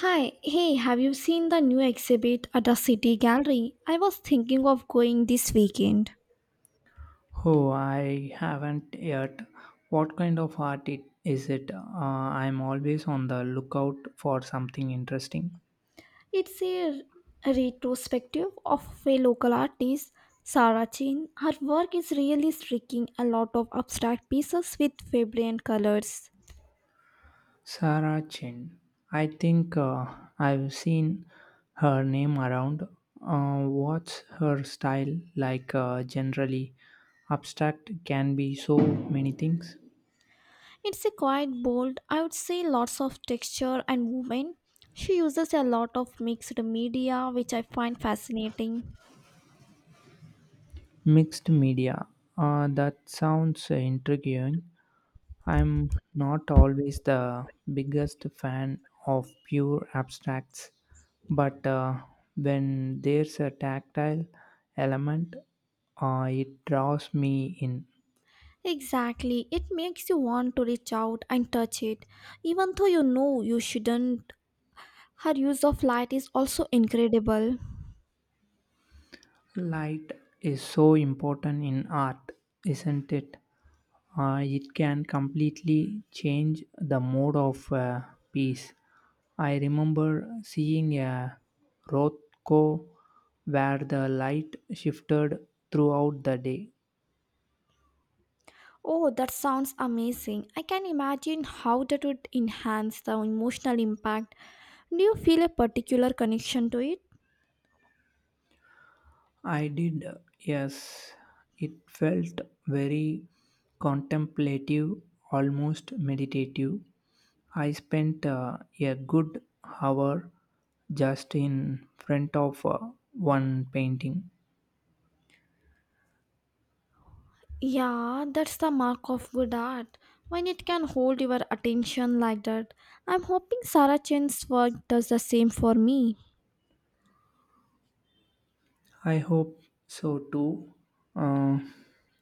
Hi, hey, have you seen the new exhibit at the City Gallery? I was thinking of going this weekend. Oh, I haven't yet. What kind of art is it? I'm always on the lookout for something interesting. It's a retrospective of a local artist, Sarah Chin. Her work is really striking, a lot of abstract pieces with vibrant colors. Sarah Chen. I think I've seen her name around. What's her style like generally? Abstract can be so many things. It's a quite bold, I would say, lots of texture and movement. She uses a lot of mixed media, which I find fascinating. Mixed media. That sounds intriguing. I'm not always the biggest fan of pure abstracts, but when there's a tactile element, it draws me in. Exactly. It makes you want to reach out and touch it, even though you know you shouldn't. Her use of light is also incredible. Light is so important in art, isn't it? It can completely change the mood of a piece. I remember seeing a Rothko where the light shifted throughout the day. Oh, that sounds amazing. I can imagine how that would enhance the emotional impact. Do you feel a particular connection to it? I did, yes, it felt very contemplative, almost meditative. I spent a good hour just in front of one painting. Yeah, that's the mark of good art. When it can hold your attention like that. I'm hoping Sarah Chen's work does the same for me. I hope so too. Uh,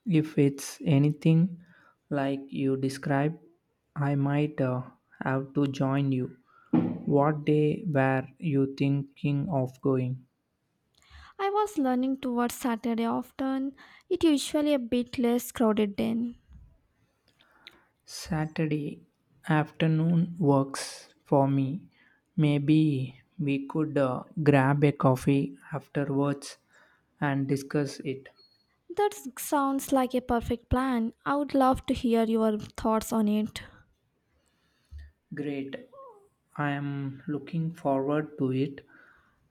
if it's anything like you described, I might have to join you. What day were you thinking of going? I was learning towards Saturday often. It usually a bit less crowded then. Saturday afternoon works for me. Maybe we could grab a coffee afterwards and discuss it. That sounds like a perfect plan. I would love to hear your thoughts on it. Great. I am looking forward to it.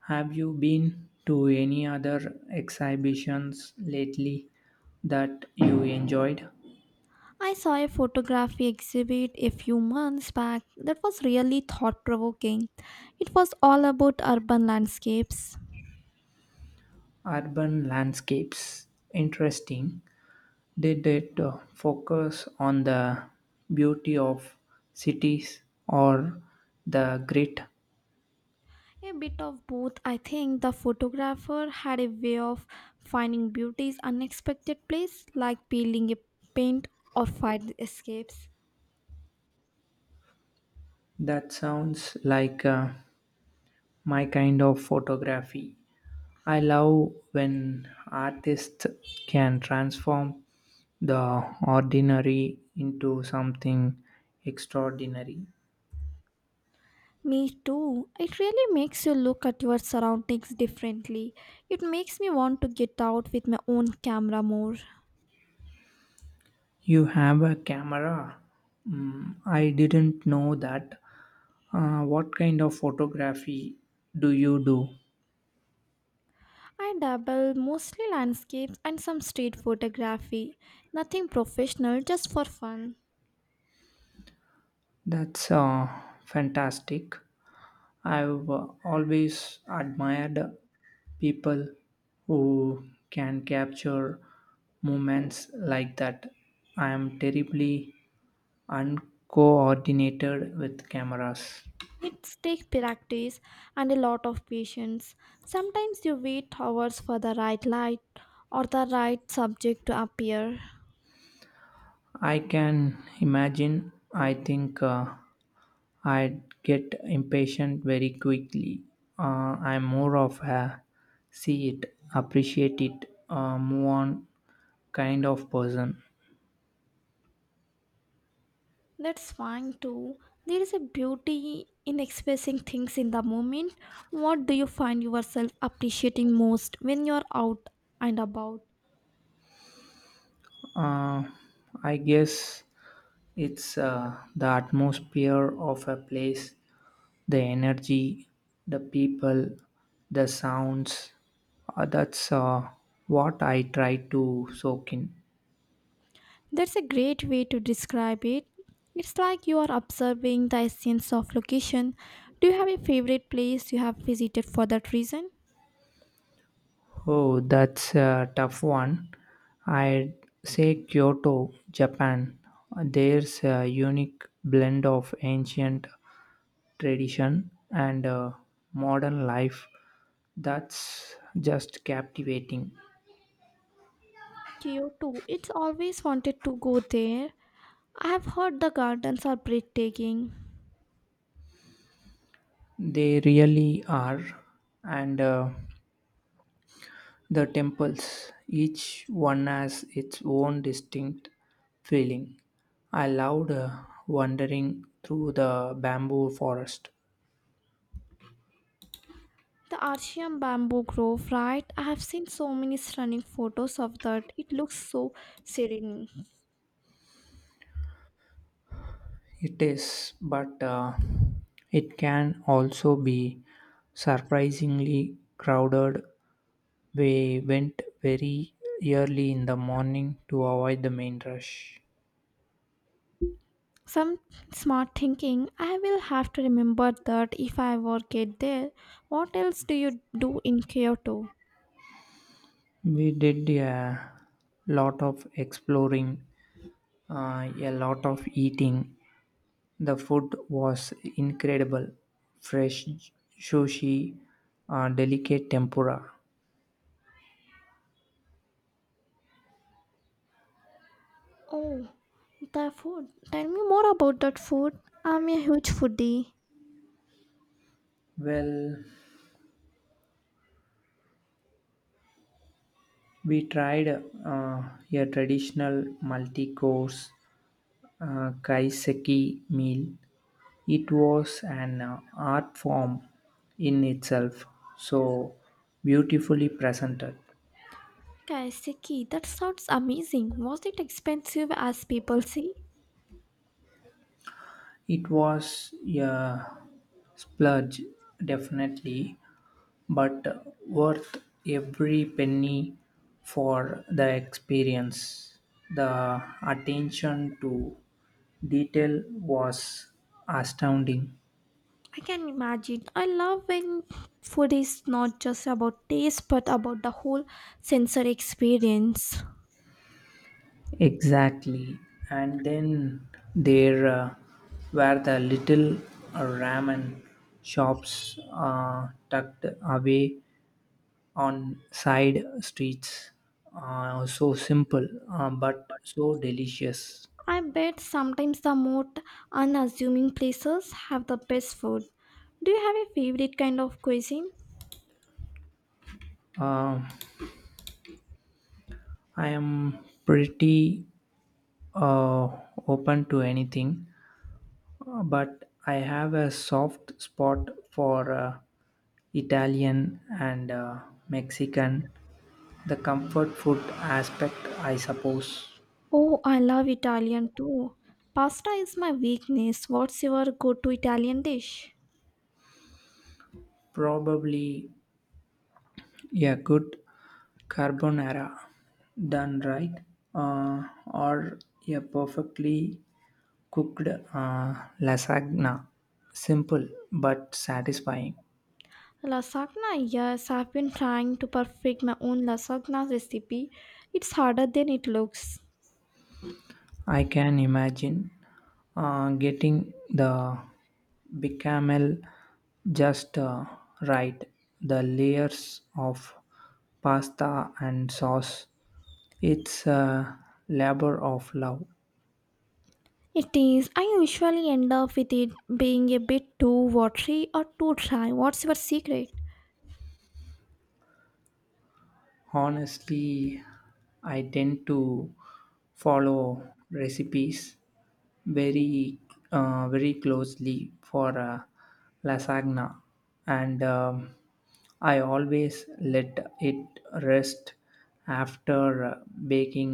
Have you been to any other exhibitions lately that you enjoyed? I saw a photography exhibit a few months back that was really thought provoking. It was all about urban landscapes. Urban landscapes. Interesting. Did it focus on the beauty of cities or the grit? A bit of both. I think the photographer had a way of finding beauty's unexpected place, like peeling a paint or fire escapes. That sounds like my kind of photography. I love when artists can transform the ordinary into something extraordinary. Me too. It really makes you look at your surroundings differently. It makes me want to get out with my own camera more. You have a camera. Mm, I didn't know that. What kind of photography do you do? I dabble, mostly landscapes and some street photography. Nothing professional, just for fun. That's fantastic. I've always admired people who can capture moments like that. I am terribly uncoordinated with cameras. It takes practice and a lot of patience. Sometimes you wait hours for the right light or the right subject to appear. I can imagine. I think I'd get impatient very quickly. I'm more of a see it, appreciate it, move on kind of person. That's fine too. There is a beauty in expressing things in the moment. What do you find yourself appreciating most when you're out and about? Uh, I guess it's the atmosphere of a place, the energy, the people, the sounds. That's what I try to soak in. That's a great way to describe it. It's like you are observing the essence of location. Do you have a favorite place you have visited for that reason? Oh, that's a tough one. I'd say Kyoto, Japan. There's a unique blend of ancient tradition and modern life that's just captivating. Kyoto. It's always wanted to go there. I have heard the gardens are breathtaking. They really are. And the temples, each one has its own distinct feeling. I loved wandering through the bamboo forest. The Archean bamboo grove, right? I have seen so many stunning photos of that. It looks so serene. It is, but it can also be surprisingly crowded. We went very early in the morning to avoid the main rush. Some smart thinking. I will have to remember that if I ever get there. What else do you do in Kyoto? We did a lot of exploring, a lot of eating. The food was incredible, fresh sushi, delicate tempura. Oh, the food. Tell me more about that food. I'm a huge foodie. Well, we tried a traditional multi course kaiseki meal. It was an art form in itself, so beautifully presented. Kaiseki, that sounds amazing. Was it expensive as people say? It was a splurge, definitely, but worth every penny for the experience. The attention to detail was astounding. I can imagine. I love when food is not just about taste but about the whole sensory experience. Exactly. And then there were the little ramen shops tucked away on side streets. So simple, but so delicious. I bet sometimes the most unassuming places have the best food. Do you have a favorite kind of cuisine? Um I am pretty uh, open to anything, but I have a soft spot for Italian and Mexican, the comfort food aspect, I suppose. Oh, I love Italian too. Pasta is my weakness. What's your go to Italian dish? Probably a good carbonara done right, uh, or a perfectly cooked uh, lasagna. Simple but satisfying. Lasagna, yes, I've been trying to perfect my own lasagna recipe. It's harder than it looks. I can imagine getting the bechamel just right. The layers of pasta and sauce. It's a labor of love. It is. I usually end up with it being a bit too watery or too dry. What's your secret? Honestly, I tend to follow recipes very very closely for lasagna, and I always let it rest after baking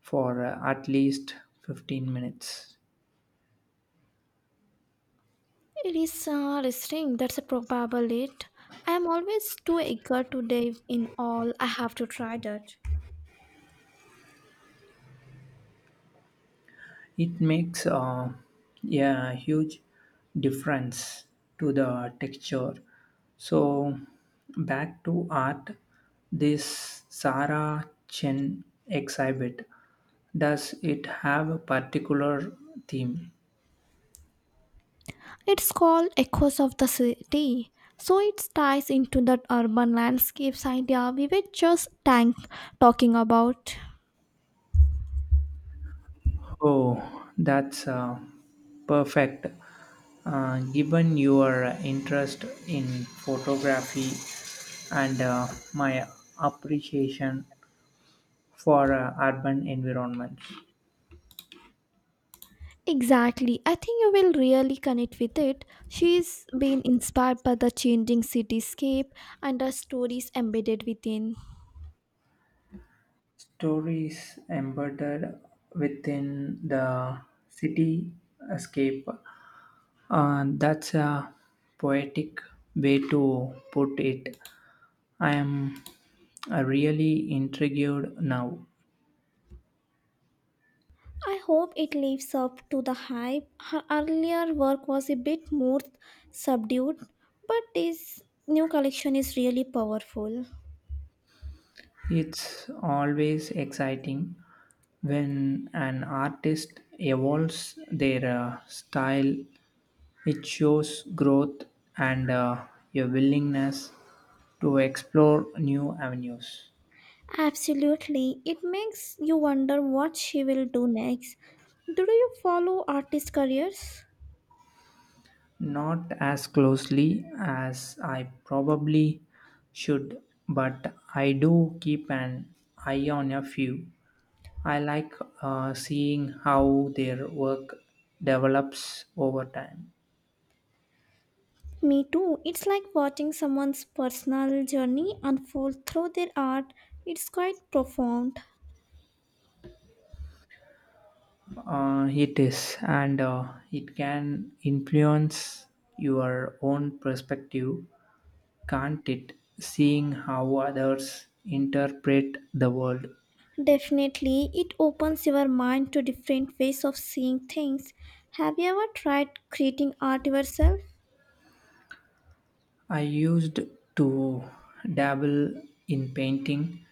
for at least 15 minutes. It is restraint. That's a probable it. I am always too eager to dive in all. I have to try that. It makes a huge difference to the texture. So, back to art, this Sarah Chen exhibit, does it have a particular theme? It's called Echoes of the City. So it ties into that urban landscapes idea we were just tank talking about. Oh, that's perfect. Given your interest in photography and my appreciation for urban environments, Exactly. I think you will really connect with it. She's been inspired by the changing cityscape and the stories embedded within. stories embedded within the cityscape. That's a poetic way to put it. I am really intrigued now. I hope it lives up to the hype. Her earlier work was a bit more subdued, but this new collection is really powerful. It's always exciting when an artist evolves their style. It shows growth and a willingness to explore new avenues. Absolutely. It makes you wonder what she will do next. Do you follow artist careers? Not as closely as I probably should, but I do keep an eye on a few. I like seeing how their work develops over time. Me too. It's like watching someone's personal journey unfold through their art. It's quite profound. It is, and it can influence your own perspective, can't it? Seeing how others interpret the world. Definitely, it opens your mind to different ways of seeing things. Have you ever tried creating art yourself? I used to dabble in painting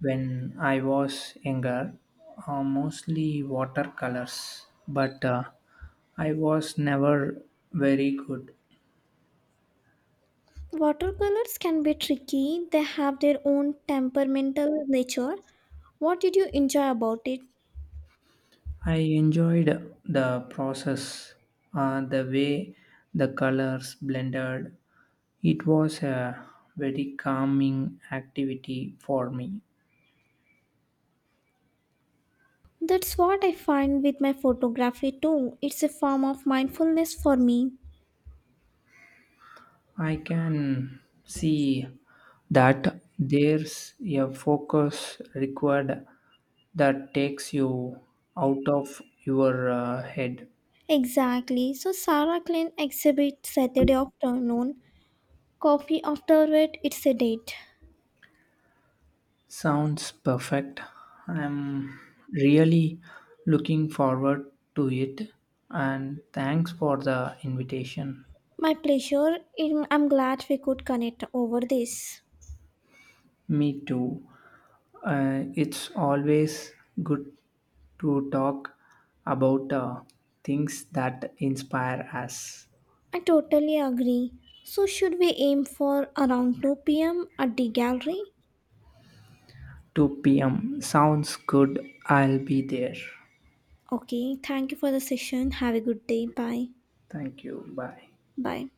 when I was younger, mostly watercolors, but I was never very good. Watercolors can be tricky, they have their own temperamental nature. What did you enjoy about it? I enjoyed the process, the way the colors blended. It was a very calming activity for me. That's what I find with my photography too. It's a form of mindfulness for me. I can see that there's a focus required that takes you out of your head. Exactly. So Sarah Klein exhibit Saturday afternoon. Coffee afterward, it's a date. Sounds perfect. I'm really looking forward to it, and thanks for the invitation. My pleasure. I'm glad we could connect over this. Me too. It's always good to talk about things that inspire us. I totally agree. So should we aim for around 2 p.m. at the gallery? 2 p.m. Sounds good. I'll be there. Okay, thank you for the session. Have a good day. Bye. Thank you. Bye. Bye.